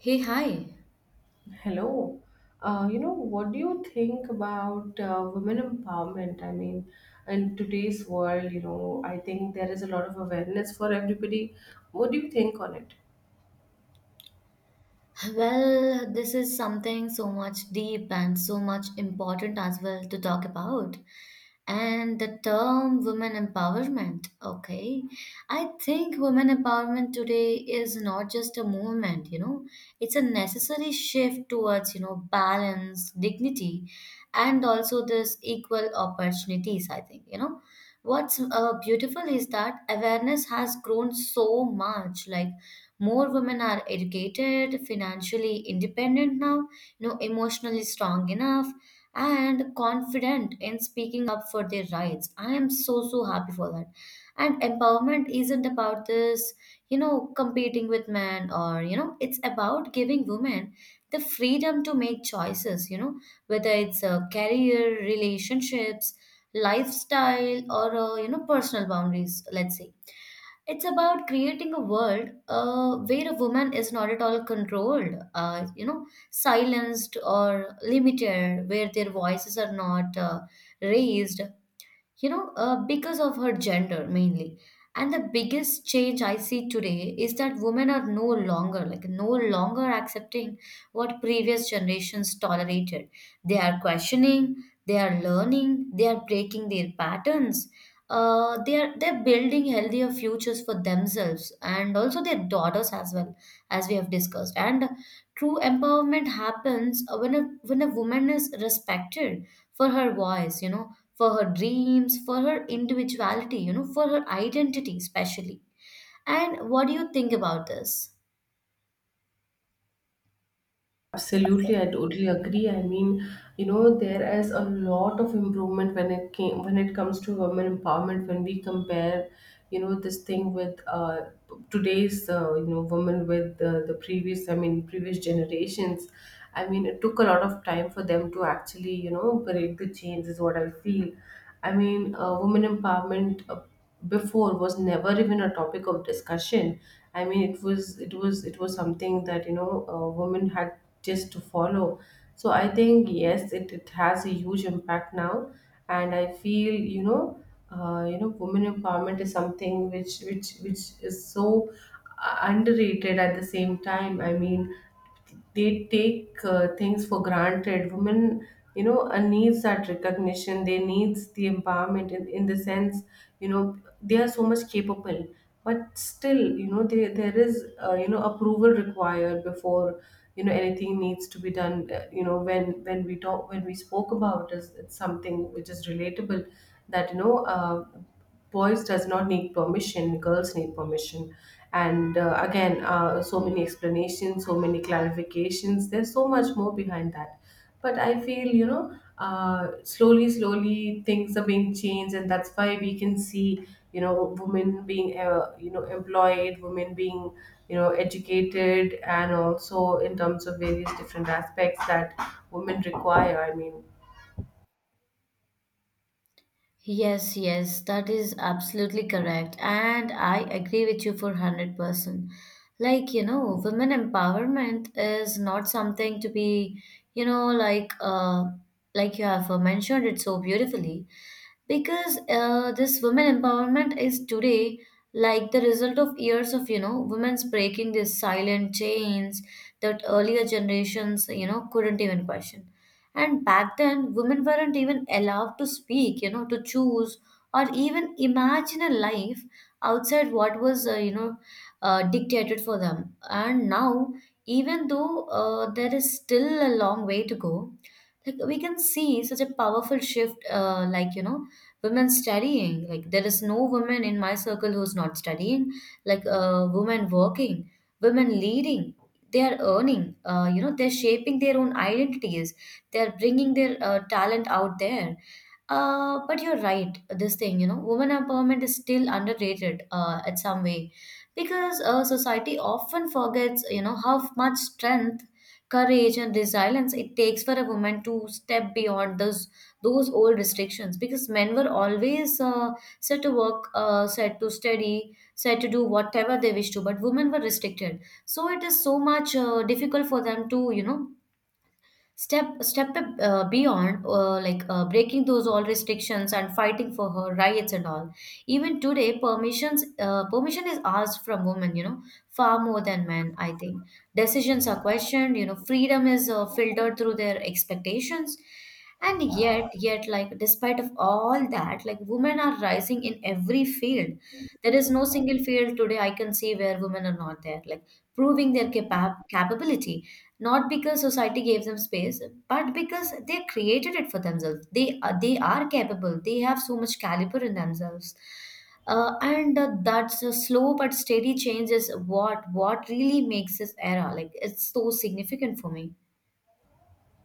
Hey, hi. Hello. What do you think about women empowerment? In today's world, you know, I think there is a lot of awareness for everybody. What do you think on it? Well, this is something so much deep and so much important as well to talk about. And the term women empowerment, okay. I think women empowerment today is not just a movement, it's a necessary shift towards, balance, dignity, and also this equal opportunities. I think, what's beautiful is that awareness has grown so much. Like, more women are educated, financially independent now, emotionally strong enough and confident in speaking up for their rights. I am so, so happy for that. And empowerment isn't about this, competing with men or, it's about giving women the freedom to make choices, whether it's a career, relationships, lifestyle, or, personal boundaries. Let's say it's about creating a world where a woman is not at all controlled, silenced, or limited, where their voices are not raised, because of her gender mainly. And the biggest change I see today is that women are no longer accepting what previous generations tolerated. They are questioning, they are learning, they are breaking their patterns. They're building healthier futures for themselves and also their daughters as well, as we have discussed. And true empowerment happens when a woman is respected for her voice, for her dreams, for her individuality, for her identity, especially. And what do you think about this? Absolutely, I totally agree. You know, there is a lot of improvement when it comes to women empowerment. When we compare, you know, this thing with today's you know women with the previous, I mean, previous generations. I mean, it took a lot of time for them to actually, you know, break the chains. Is what I feel. I mean, women empowerment before was never even a topic of discussion. I mean, it was something that you know women had just to follow. So I think yes it has a huge impact now, and I feel, you know, women empowerment is something which is so underrated at the same time. I mean, they take things for granted. Women, you know, needs that recognition. They needs the empowerment in the sense, you know, they are so much capable, but still, you know, there is, approval required before, you know, anything needs to be done. You know, when we talk, when we spoke about is, it's something which is relatable, that you know, boys does not need permission, girls need permission. And again, so many explanations, so many clarifications, there's so much more behind that. But I feel, you know, slowly slowly things are being changed, and that's why we can see, you know, women being, employed, women being, you know, educated, and also in terms of various different aspects that women require, I mean. Yes, yes, that is absolutely correct. And I agree with you for 100%. Like, women empowerment is not something to be, you know, like uh like you have mentioned it so beautifully. Because this women empowerment is today like the result of years of women's breaking these silent chains that earlier generations couldn't even question. And back then women weren't even allowed to speak, to choose, or even imagine a life outside what was dictated for them. And now, even though there is still a long way to go, like we can see such a powerful shift, women studying. Like, there is no woman in my circle who's not studying. Like, women working, women leading. They are earning, they're shaping their own identities, they're bringing their talent out there. But you're right, this thing, women empowerment is still underrated at some way, because society often forgets how much strength, courage, and resilience it takes for a woman to step beyond those old restrictions. Because men were always said to work, said to study, said to do whatever they wish to, but women were restricted. So it is so much difficult for them to, step beyond, breaking those all restrictions and fighting for her rights and all. Even today, permission is asked from women, far more than men. I think decisions are questioned, freedom is filtered through their expectations. And yet, like, despite of all that, like women are rising in every field. There is no single field today I can see where women are not there, like proving their capability, not because society gave them space, but because they created it for themselves. They are capable. They have so much caliber in themselves. And that's a slow but steady change is what really makes this era, like, it's so significant for me.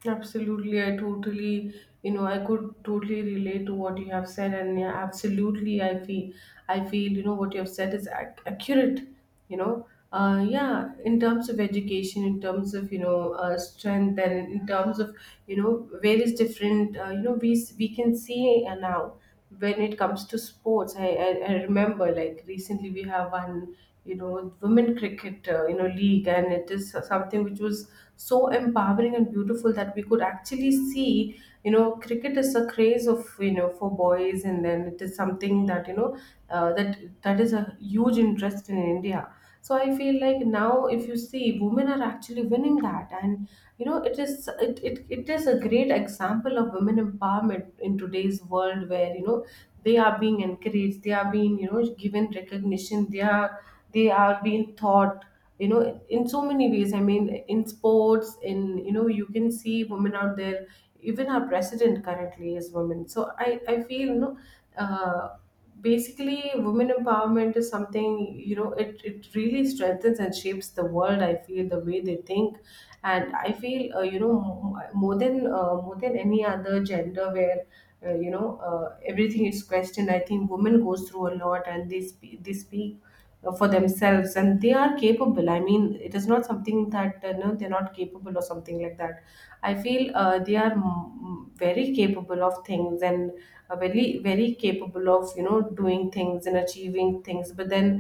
Absolutely, I totally, you know, I could totally relate to what you have said, and yeah, absolutely, I feel, you know, what you have said is accurate. You know, yeah, in terms of education, in terms of, you know, strength, and in terms of, you know, various different, we can see now, when it comes to sports, I remember like recently we have one, you know, women cricket, league, and it is something which was so empowering and beautiful that we could actually see, you know, cricket is a craze of, you know, for boys, and then it is something that, you know, uh, that that is a huge interest in India. So I feel like now, if you see, women are actually winning that, and you know it is it is a great example of women empowerment in today's world, where you know they are being encouraged, they are being, you know, given recognition, they are being taught, you know, in so many ways. I mean, in sports, in, you know, you can see women out there. Even our president currently is women. So I feel, you know, uh, basically women empowerment is something, you know, it really strengthens and shapes the world. I feel the way they think, and I feel, you know, more than any other gender, where, everything is questioned. I think women goes through a lot, and they speak for themselves, and they are capable. I mean, it is not something that, no they're not capable or something like that. I feel they are very capable of things, and very very capable of, you know, doing things and achieving things, but then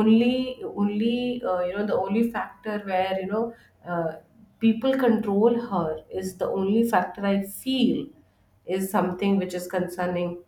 only you know the only factor where, you know, uh, people control her is the only factor, I feel, is something which is concerning.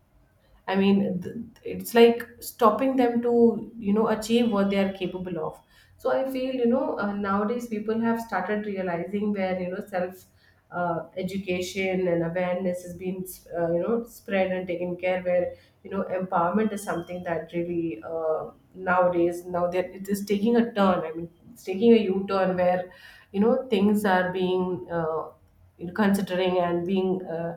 I mean, th- it's like stopping them to, you know, achieve what they are capable of. So I feel, you know, nowadays people have started realizing, where you know self, education and awareness has been, spread and taken care, where, you know, empowerment is something that really, nowadays, now that it is taking a turn, I mean it's taking a u-turn, where, you know, things are being, considering and being,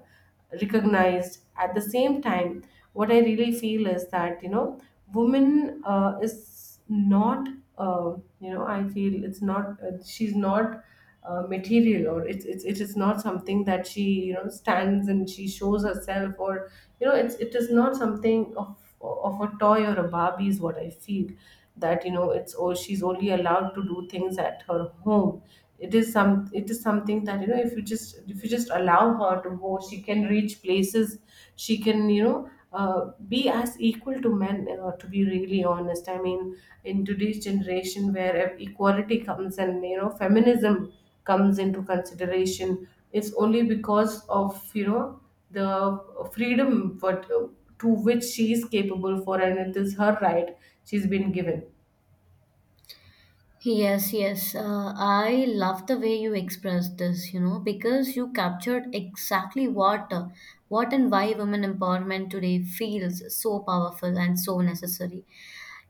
recognized at the same time. What I really feel is that, you know, woman is not, I feel it's not, she's not, material, or it's it is not something that she, you know, stands and she shows herself, or you know it is not something of a toy or a barbie, is what I feel. That, you know, it's oh she's only allowed to do things at her home. It is something that, you know, if you just allow her to go, she can reach places. She can, you know, be as equal to men, to be really honest. I mean, in today's generation where equality comes and, you know, feminism comes into consideration, it's only because of, you know, the freedom what, to which she is capable for, and it is her right she's been given. Yes, yes. I love the way you expressed this, because you captured exactly what and why women empowerment today feels so powerful and so necessary.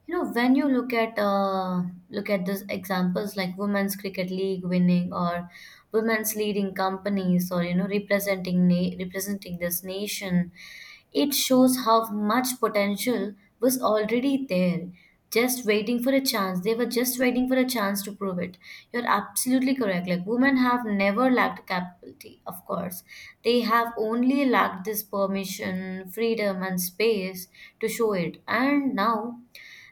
You know, when you look at, these examples like women's cricket league winning, or women's leading companies, or representing representing this nation, it shows how much potential was already there, just waiting for a chance. They were just waiting for a chance To prove it, you're absolutely correct. Like, women have never lacked capability. Of course, they have only lacked this permission, freedom, and space to show it. And now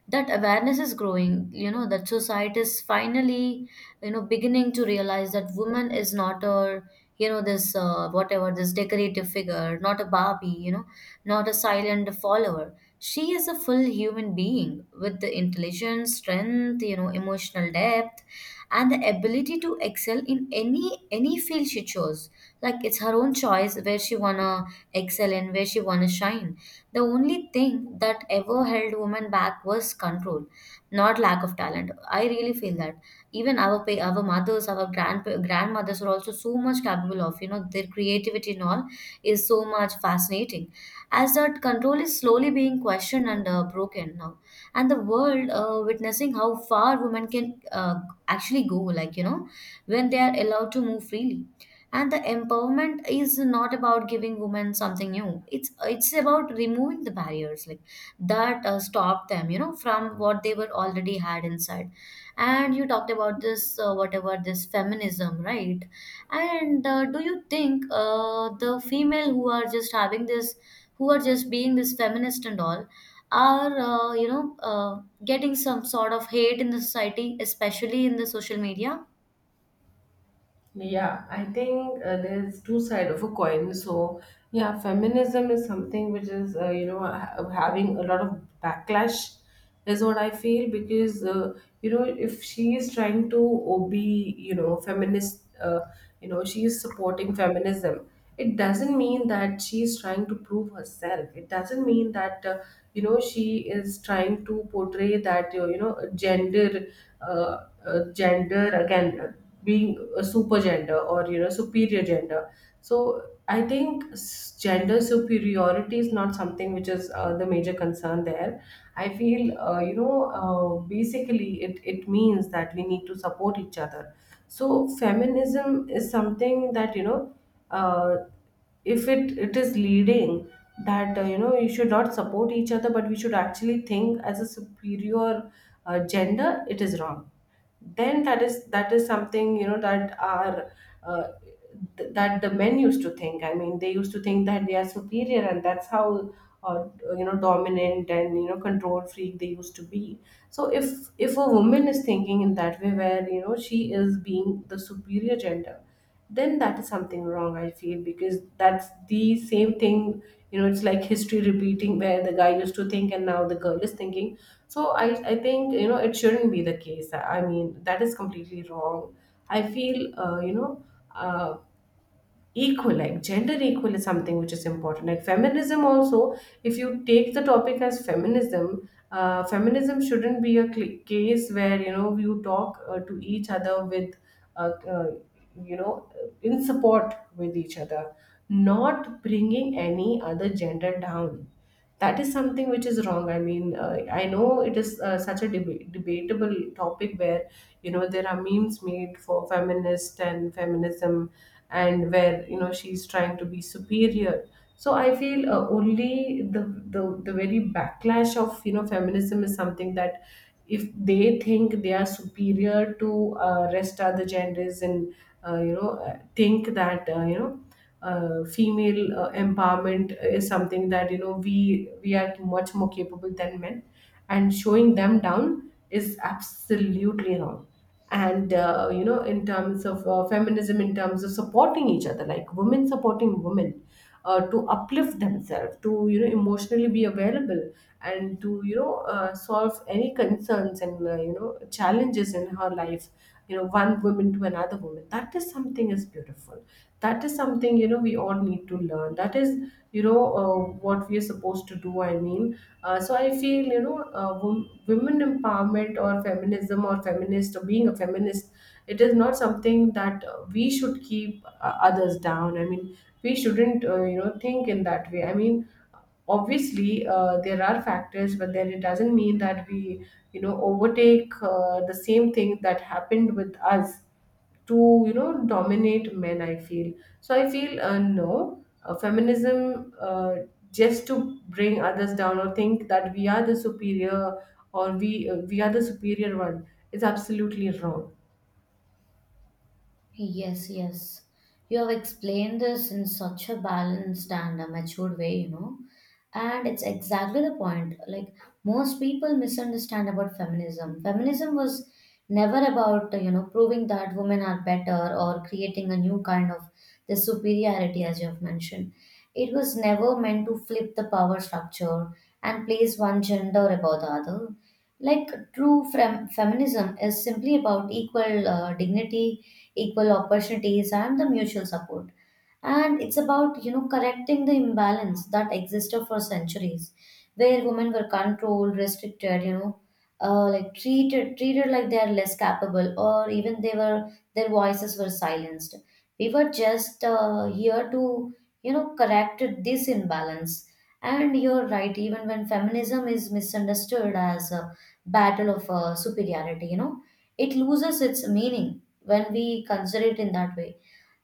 that awareness is growing, that society is finally, beginning to realize that woman is not a, you know this whatever this decorative figure, not a Barbie, not a silent follower. She is a full human being with the intelligence, strength, emotional depth, and the ability to excel in any field she chose. Like, it's her own choice where she wanna excel and where she wanna shine. The only thing that ever held women back was control, not lack of talent. I really feel that even our mothers, our grandmothers are also so much capable of, their creativity and all is so much fascinating. As that control is slowly being questioned and broken now, and the world witnessing how far women can actually go, like when they are allowed to move freely. And the empowerment is not about giving women something new. It's about removing the barriers, like that stop them, from what they were already had inside. And you talked about this, whatever this feminism, right? And do you think the female who are just having this, who are just being this feminist and all are, getting some sort of hate in the society, especially in the social media? Yeah, I think there's two side of a coin. So, yeah, feminism is something which is, you know, having a lot of backlash, is what I feel because, you know, if she is trying to be, you know, feminist, you know, she is supporting feminism. It doesn't mean that she is trying to prove herself. It doesn't mean that, you know, she is trying to portray that, you know, gender, gender again, being a super gender, or, you know, superior gender. So I think gender superiority is not something which is, the major concern there. I feel you know, basically it means that we need to support each other. So feminism is something that, you know, uh, if it is leading that, you know, you should not support each other, but we should actually think as a superior gender, it is wrong. Then that is something, you know, that are, uh, that the men used to think. I mean they used to think that they are superior, and that's how, uh, you know, dominant and, you know, control freak they used to be. So if a woman is thinking in that way, where, you know, she is being the superior gender, then that is something wrong, I feel, because that's the same thing, you know, it's like history repeating, where the guy used to think and now the girl is thinking. So I think, you know, it shouldn't be the case. I mean, that is completely wrong. I feel you know, uh, equal, like gender equal is something which is important. Like feminism also, if you take the topic as feminism, feminism shouldn't be a case where, you know, you talk to each other with uh, uh, you know, in support with each other, not bringing any other gender down. That is something which is wrong. I mean, I know it is, such a debatable topic, where, you know, there are memes made for feminist and feminism, and where, you know, she's trying to be superior. So I feel, the very backlash of, you know, feminism is something that if they think they are superior to, rest other genders, and you know, think that, you know, female empowerment is something that, you know, we are much more capable than men, and showing them down is absolutely wrong. And you know, in terms of feminism, in terms of supporting each other, like women supporting women, to uplift themselves, to, you know, emotionally be available, and to, you know, solve any concerns and, you know, challenges in her life, you know, one woman to another woman, that is something is beautiful. That is something, you know, we all need to learn. That is, you know, what we are supposed to do. So I feel, you know, women empowerment, or feminism, or feminist, or being a feminist, it is not something that, we should keep, others down. I mean, we shouldn't, you know, think in that way. I mean, obviously there are factors, but then it doesn't mean that we, you know, overtake, the same thing that happened with us, to, you know, dominate men, I feel. So I feel, no, feminism, just to bring others down or think that we are the superior, or we are the superior one, is absolutely wrong. Yes, yes. You have explained this in such a balanced and a matured way. And it's exactly the point. Like, most people misunderstand about feminism. Feminism was never about, proving that women are better or creating a new kind of the superiority, as you have mentioned. It was never meant to flip the power structure and place one gender above the other. Like, true feminism is simply about equal dignity, equal opportunities, and the mutual support. And it's about, correcting the imbalance that existed for centuries, where women were controlled, restricted, like treated like they are less capable, or even they were, their voices were silenced. We were just here to, correct this imbalance. And you're right, even when feminism is misunderstood as a battle of superiority, it loses its meaning when we consider it in that way.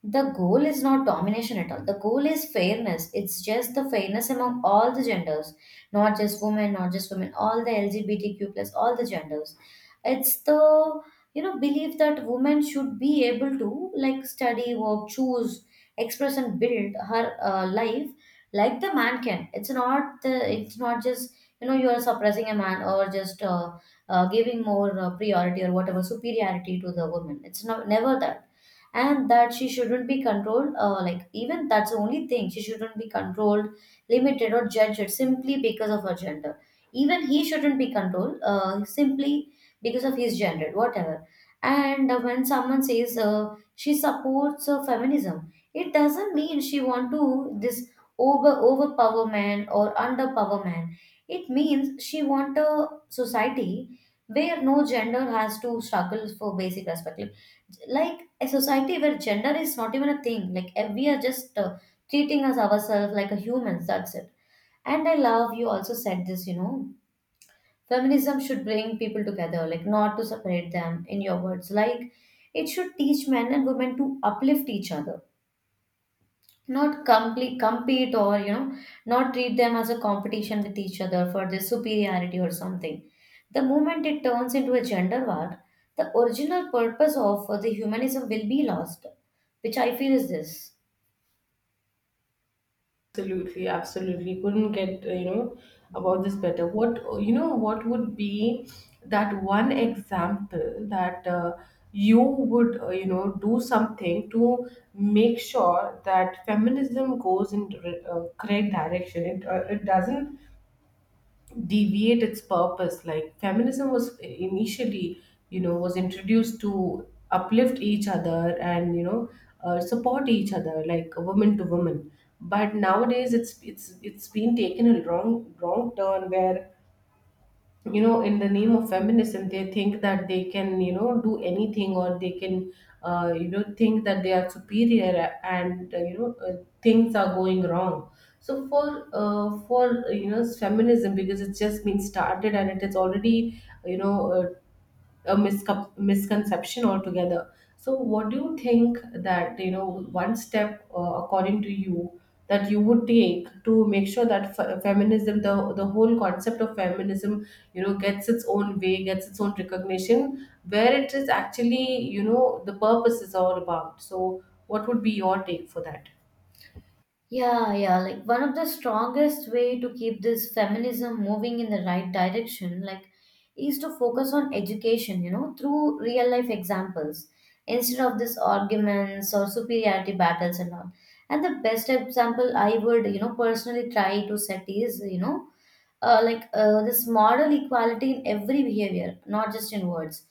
The goal is not domination at all. The goal is fairness. It's just the fairness among all the genders, not just women, all the LGBTQ+, all the genders. It's the, belief that women should be able to, like, study, work, choose, express, and build her life, like the man can. It's not just, you are suppressing a man, or just giving more priority or whatever superiority to the woman. It's not, never that. And that she shouldn't be controlled, like, even that's the only thing, she shouldn't be controlled, limited, or judged simply because of her gender. Even he shouldn't be controlled, simply because of his gender, whatever. And when someone says, she supports feminism, it doesn't mean she want to this overpower man or underpower man. It means she want a society where no gender has to struggle for basic respect, like a society where gender is not even a thing, like, we are just treating us ourselves like a humans, that's it. And I love you also said this, feminism should bring people together, like, not to separate them. In your words, like, it should teach men and women to uplift each other, not complete compete, or not treat them as a competition with each other for their superiority or something. The moment it turns into a gender war, the original purpose of the humanism will be lost, which I feel is this. Absolutely, absolutely. Couldn't get, about this better. What, what would be that one example that you would, do something to make sure that feminism goes in the correct direction. It doesn't deviate its purpose, like feminism was initially, was introduced to uplift each other, and support each other like woman to woman. But nowadays it's been taken a wrong turn where, in the name of feminism, they think that they can, do anything, or they can, think that they are superior, and, things are going wrong. So for feminism, because it's just been started and it is already, a misconception altogether. So, what do you think that, one step, according to you, that you would take to make sure that feminism, the whole concept of feminism, gets its own way, gets its own recognition, where it is actually, the purpose is all about. So, what would be your take for that? Yeah, yeah. Like, one of the strongest way to keep this feminism moving in the right direction, like, is to focus on education. Through real life examples instead of these arguments or superiority battles and all. And the best example I would, personally try to set is, this moral equality in every behavior, not just in words.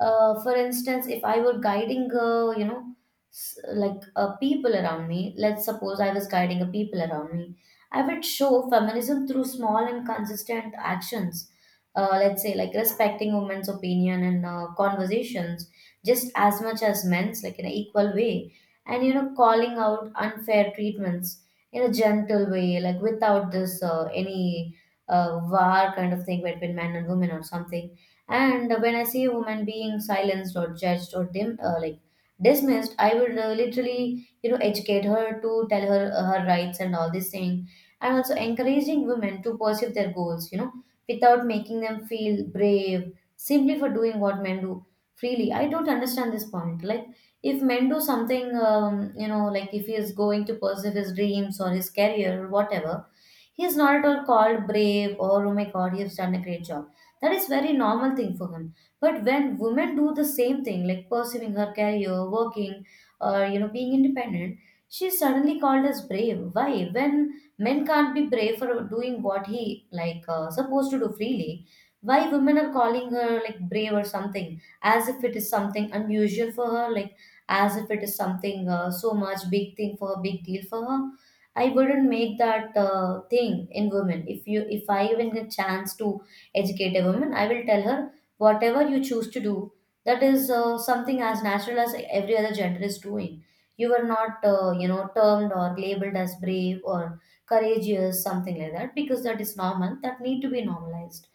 For instance, if I were guiding, people around me, let's suppose I was guiding a people around me, I would show feminism through small and consistent actions. Let's say like respecting women's opinion and conversations just as much as men's, like in an equal way, and you know, calling out unfair treatments in a gentle way, like without this any war kind of thing between men and women or something. And when I see a woman being silenced or judged or dim, like dismissed, I would literally, you know, educate her to tell her her rights and all this thing, and also encouraging women to pursue their goals, you know, without making them feel brave simply for doing what men do freely. I don't understand this point. Like if men do something, you know, like if he is going to pursue his dreams or his career or whatever, he is not at all called brave or oh my god, he has done a great job. That is very normal thing for him. But when women do the same thing, like pursuing her career, working, or you know, being independent, she is suddenly called as brave. Why? When men can't be brave for doing what he supposed to do freely, why women are calling her like brave or something, as if it is something unusual for her, like as if it is something so much big thing for her, big deal for her. I wouldn't make that thing in women. If I even get chance to educate a woman, I will tell her whatever you choose to do, that is something as natural as every other gender is doing. You were not, termed or labeled as brave or courageous, something like that, because that is normal. That need to be normalized.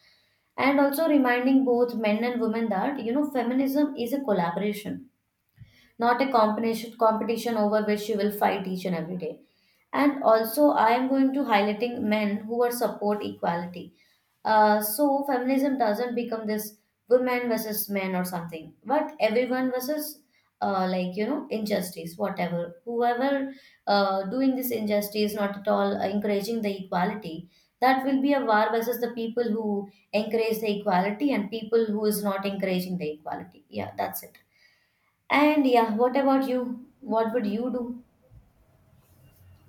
And also reminding both men and women that you know feminism is a collaboration, not a competition over which you will fight each and every day. And also, I am going to highlighting men who are support equality. So feminism doesn't become this women versus men or something, but everyone versus injustice, whatever, whoever doing this injustice, not at all encouraging the equality. That will be a war versus the people who encourage the equality and people who is not encouraging the equality. Yeah, that's it. And yeah, what about you? What would you do?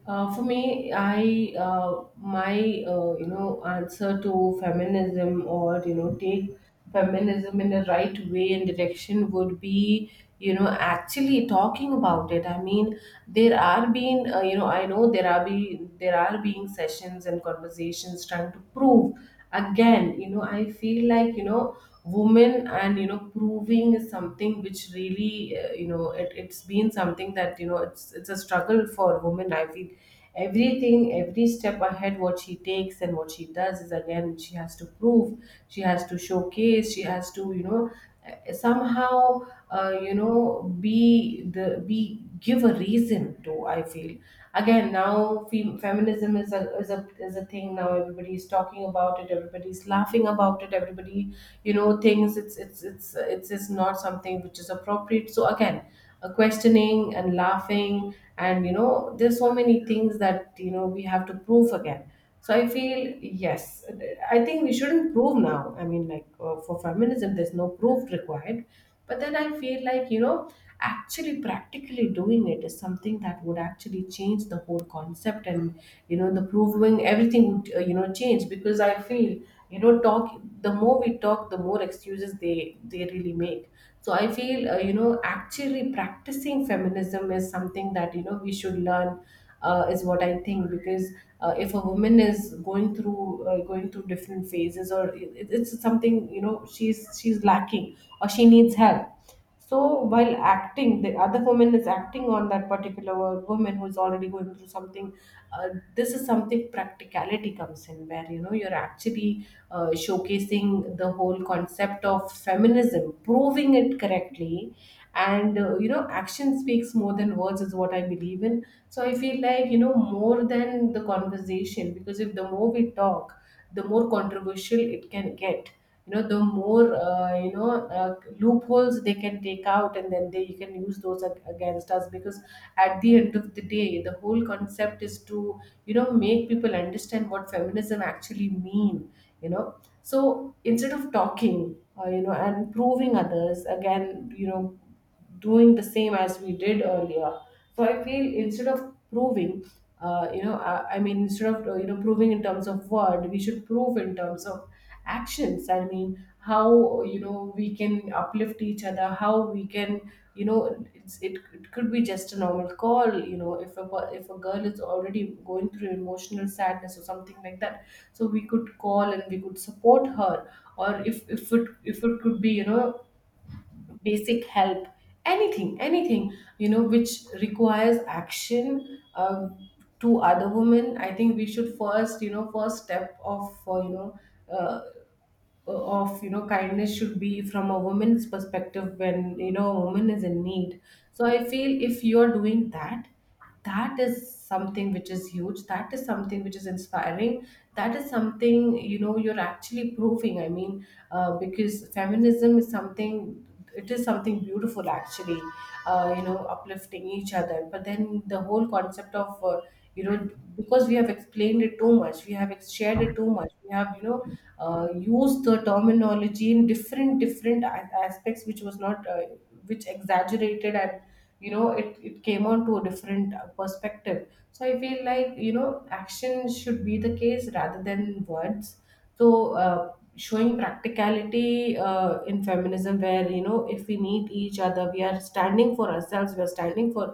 For me, I, my, answer to feminism, or, take feminism in the right way and direction, would be, actually talking about it. I mean, there are being, I know there are be there are being sessions and conversations trying to prove again, I feel like, women, and, proving is something which really, it's been something that, it's a struggle for women, I feel. Everything, every step ahead what she takes and what she does, is again she has to prove, she has to showcase, she has to, somehow, be the be give a reason to, I feel. Again, now feminism is a thing now. Everybody is talking about it, everybody is laughing about it, everybody, things, it's is not something which is appropriate. So again, a questioning and laughing, and, there's so many things that, we have to prove again. So I feel, yes, I think we shouldn't prove now. I mean, like, for feminism there's no proof required. But then I feel like, actually practically doing it is something that would actually change the whole concept, and, the proving everything would, change. Because I feel, talk, the more we talk, the more excuses they really make. So I feel, actually practicing feminism is something that, we should learn, is what I think. Because, if a woman is going through different phases, or it's something, she's lacking, or she needs help. So while acting, the other woman is acting on that particular woman who's already going through something. Uh, this is something practicality comes in, where, you're actually, showcasing the whole concept of feminism, proving it correctly, and, action speaks more than words is what I believe in. So I feel like, more than the conversation, because if the more we talk, the more controversial it can get. You know, the more, loopholes they can take out, and then they can use those against us, because at the end of the day, the whole concept is to, make people understand what feminism actually mean, you know. So instead of talking, and proving others, again, doing the same as we did earlier. So I feel instead of proving, I mean, instead of, proving in terms of word, we should prove in terms of actions. I mean, how, we can uplift each other, how we can, it could be just a normal call, if a if a girl is already going through emotional sadness or something like that. So we could call and we could support her, or if it could be, basic help, anything, which requires action, to other women. I think we should first, first step of, uh, of, kindness should be from a woman's perspective when, a woman is in need. So I feel if you're doing that, that is something which is huge, that is something which is inspiring, that is something, you're actually proving, I mean, because feminism is something, it is something beautiful actually, uplifting each other. But then the whole concept of, you know because we have explained it too much, we have shared it too much, we have, used the terminology in different aspects, which was not, which exaggerated, and, it came on to a different, perspective. So I feel like, action should be the case rather than words. So, showing practicality, in feminism, where, if we need each other, we are standing for ourselves, we are standing for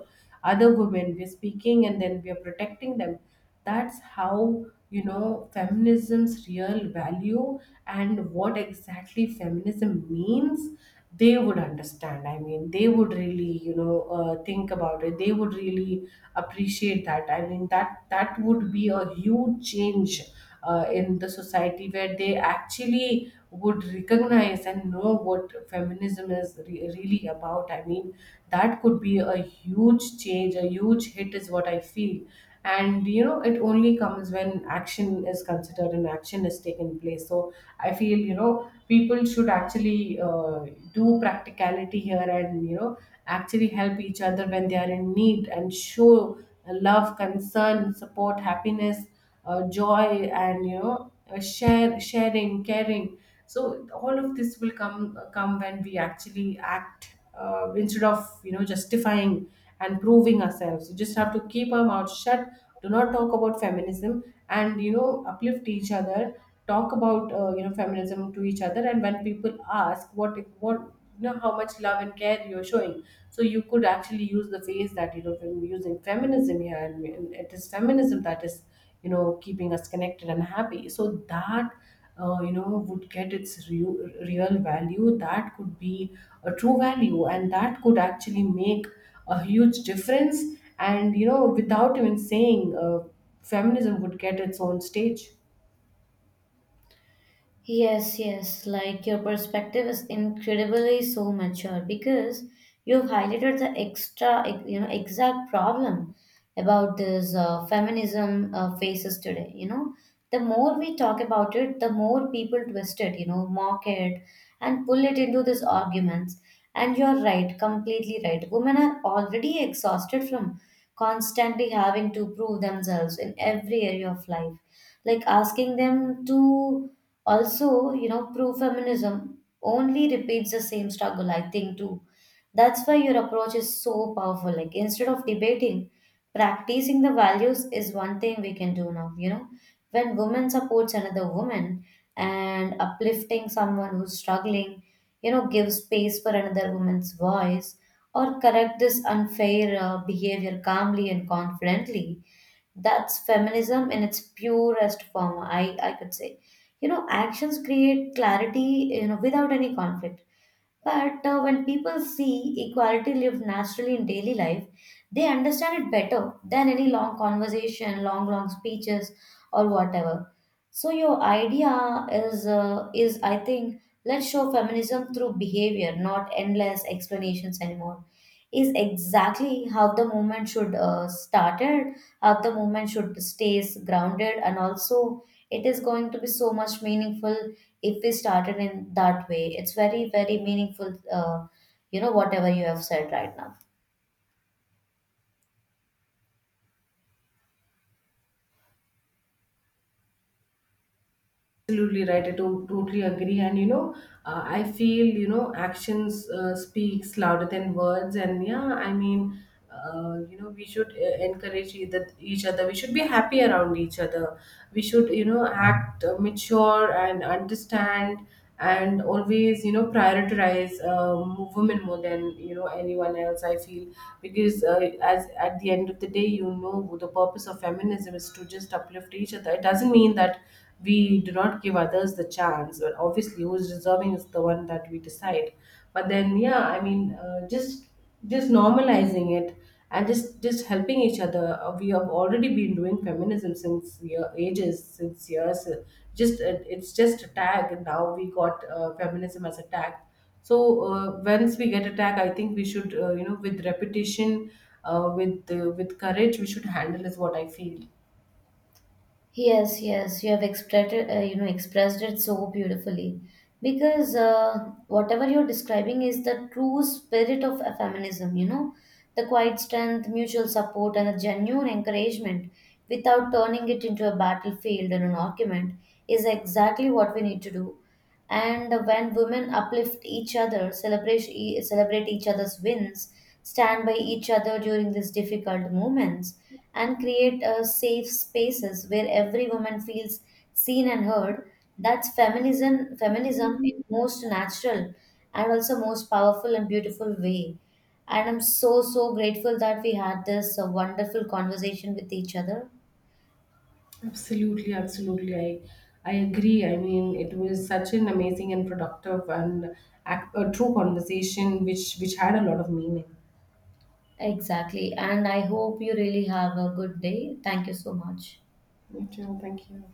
other women, we are speaking, and then we are protecting them. That's how, feminism's real value and what exactly feminism means, they would understand. I mean, they would really, think about it, they would really appreciate that. I mean, that would be a huge change, in the society, where they actually would recognize and know what feminism is really about. I mean, that could be a huge change, a huge hit is what I feel. And, it only comes when action is considered and action is taken place. So I feel, people should actually, do practicality here, and, actually help each other when they are in need, and show love, concern, support, happiness, joy, and, share sharing, caring. So all of this will come when we actually act, instead of, justifying and proving ourselves. You just have to keep our mouth shut, do not talk about feminism, and, uplift each other, talk about, feminism to each other. And when people ask, what, how much love and care you're showing, so you could actually use the phrase that, using feminism here, and it is feminism that is, keeping us connected and happy, so that, would get its real, real value. That could be a true value, and that could actually make a huge difference. And, without even saying, feminism would get its own stage. Yes, yes, like your perspective is incredibly so mature because you've highlighted the extra, you know, exact problem about this feminism faces today. You know, the more we talk about it, the more people twist it, you know, mock it and pull it into these arguments. And you're right, completely right. Women are already exhausted from constantly having to prove themselves in every area of life. Like asking them to also, you know, pro feminism only repeats the same struggle, I think, too. That's why your approach is so powerful. Like, instead of debating, practicing the values is one thing we can do now. You know, when woman supports another woman and uplifting someone who's struggling, you know, gives space for another woman's voice or correct this unfair behavior calmly and confidently, that's feminism in its purest form, I could say. You know, actions create clarity, you know, without any conflict. But when people see equality lived naturally in daily life, they understand it better than any long conversation, long, long speeches, or whatever. So your idea is I think, let's show feminism through behavior, not endless explanations anymore. Is exactly how the movement should started, how the movement should stays grounded, and also it is going to be so much meaningful if we started in that way, it's very, very meaningful, whatever you have said right now. Absolutely right, I totally agree. And, I feel, actions, speaks louder than words. And yeah, I mean, we should, encourage each other, we should be happy around each other, we should, act, mature and understand, and always, prioritize, women more than, anyone else, I feel. Because, as at the end of the day, the purpose of feminism is to just uplift each other, it doesn't mean that we do not give others the chance, but obviously who's deserving is the one that we decide. But then yeah, I mean, just normalizing it, and just helping each other. We have already been doing feminism since ages, since years. Just It's just a tag, and now we got, feminism as a tag. So, uh, once we get a tag, I think we should, with repetition, with courage we should handle, is what I feel. Yes, yes, you have expressed it, expressed it so beautifully. Because whatever you're describing is the true spirit of feminism, you know, the quiet strength, mutual support, and a genuine encouragement without turning it into a battlefield and an argument is exactly what we need to do. And when women uplift each other, celebrate, celebrate each other's wins, stand by each other during these difficult moments, and create safe spaces where every woman feels seen and heard, that's feminism, feminism in most natural and also most powerful and beautiful way. And I'm so, so grateful that we had this wonderful conversation with each other. Absolutely, absolutely. I agree. I mean, it was such an amazing and productive and a true conversation, which had a lot of meaning. Exactly. And I hope you really have a good day. Thank you so much. Me too. Thank you.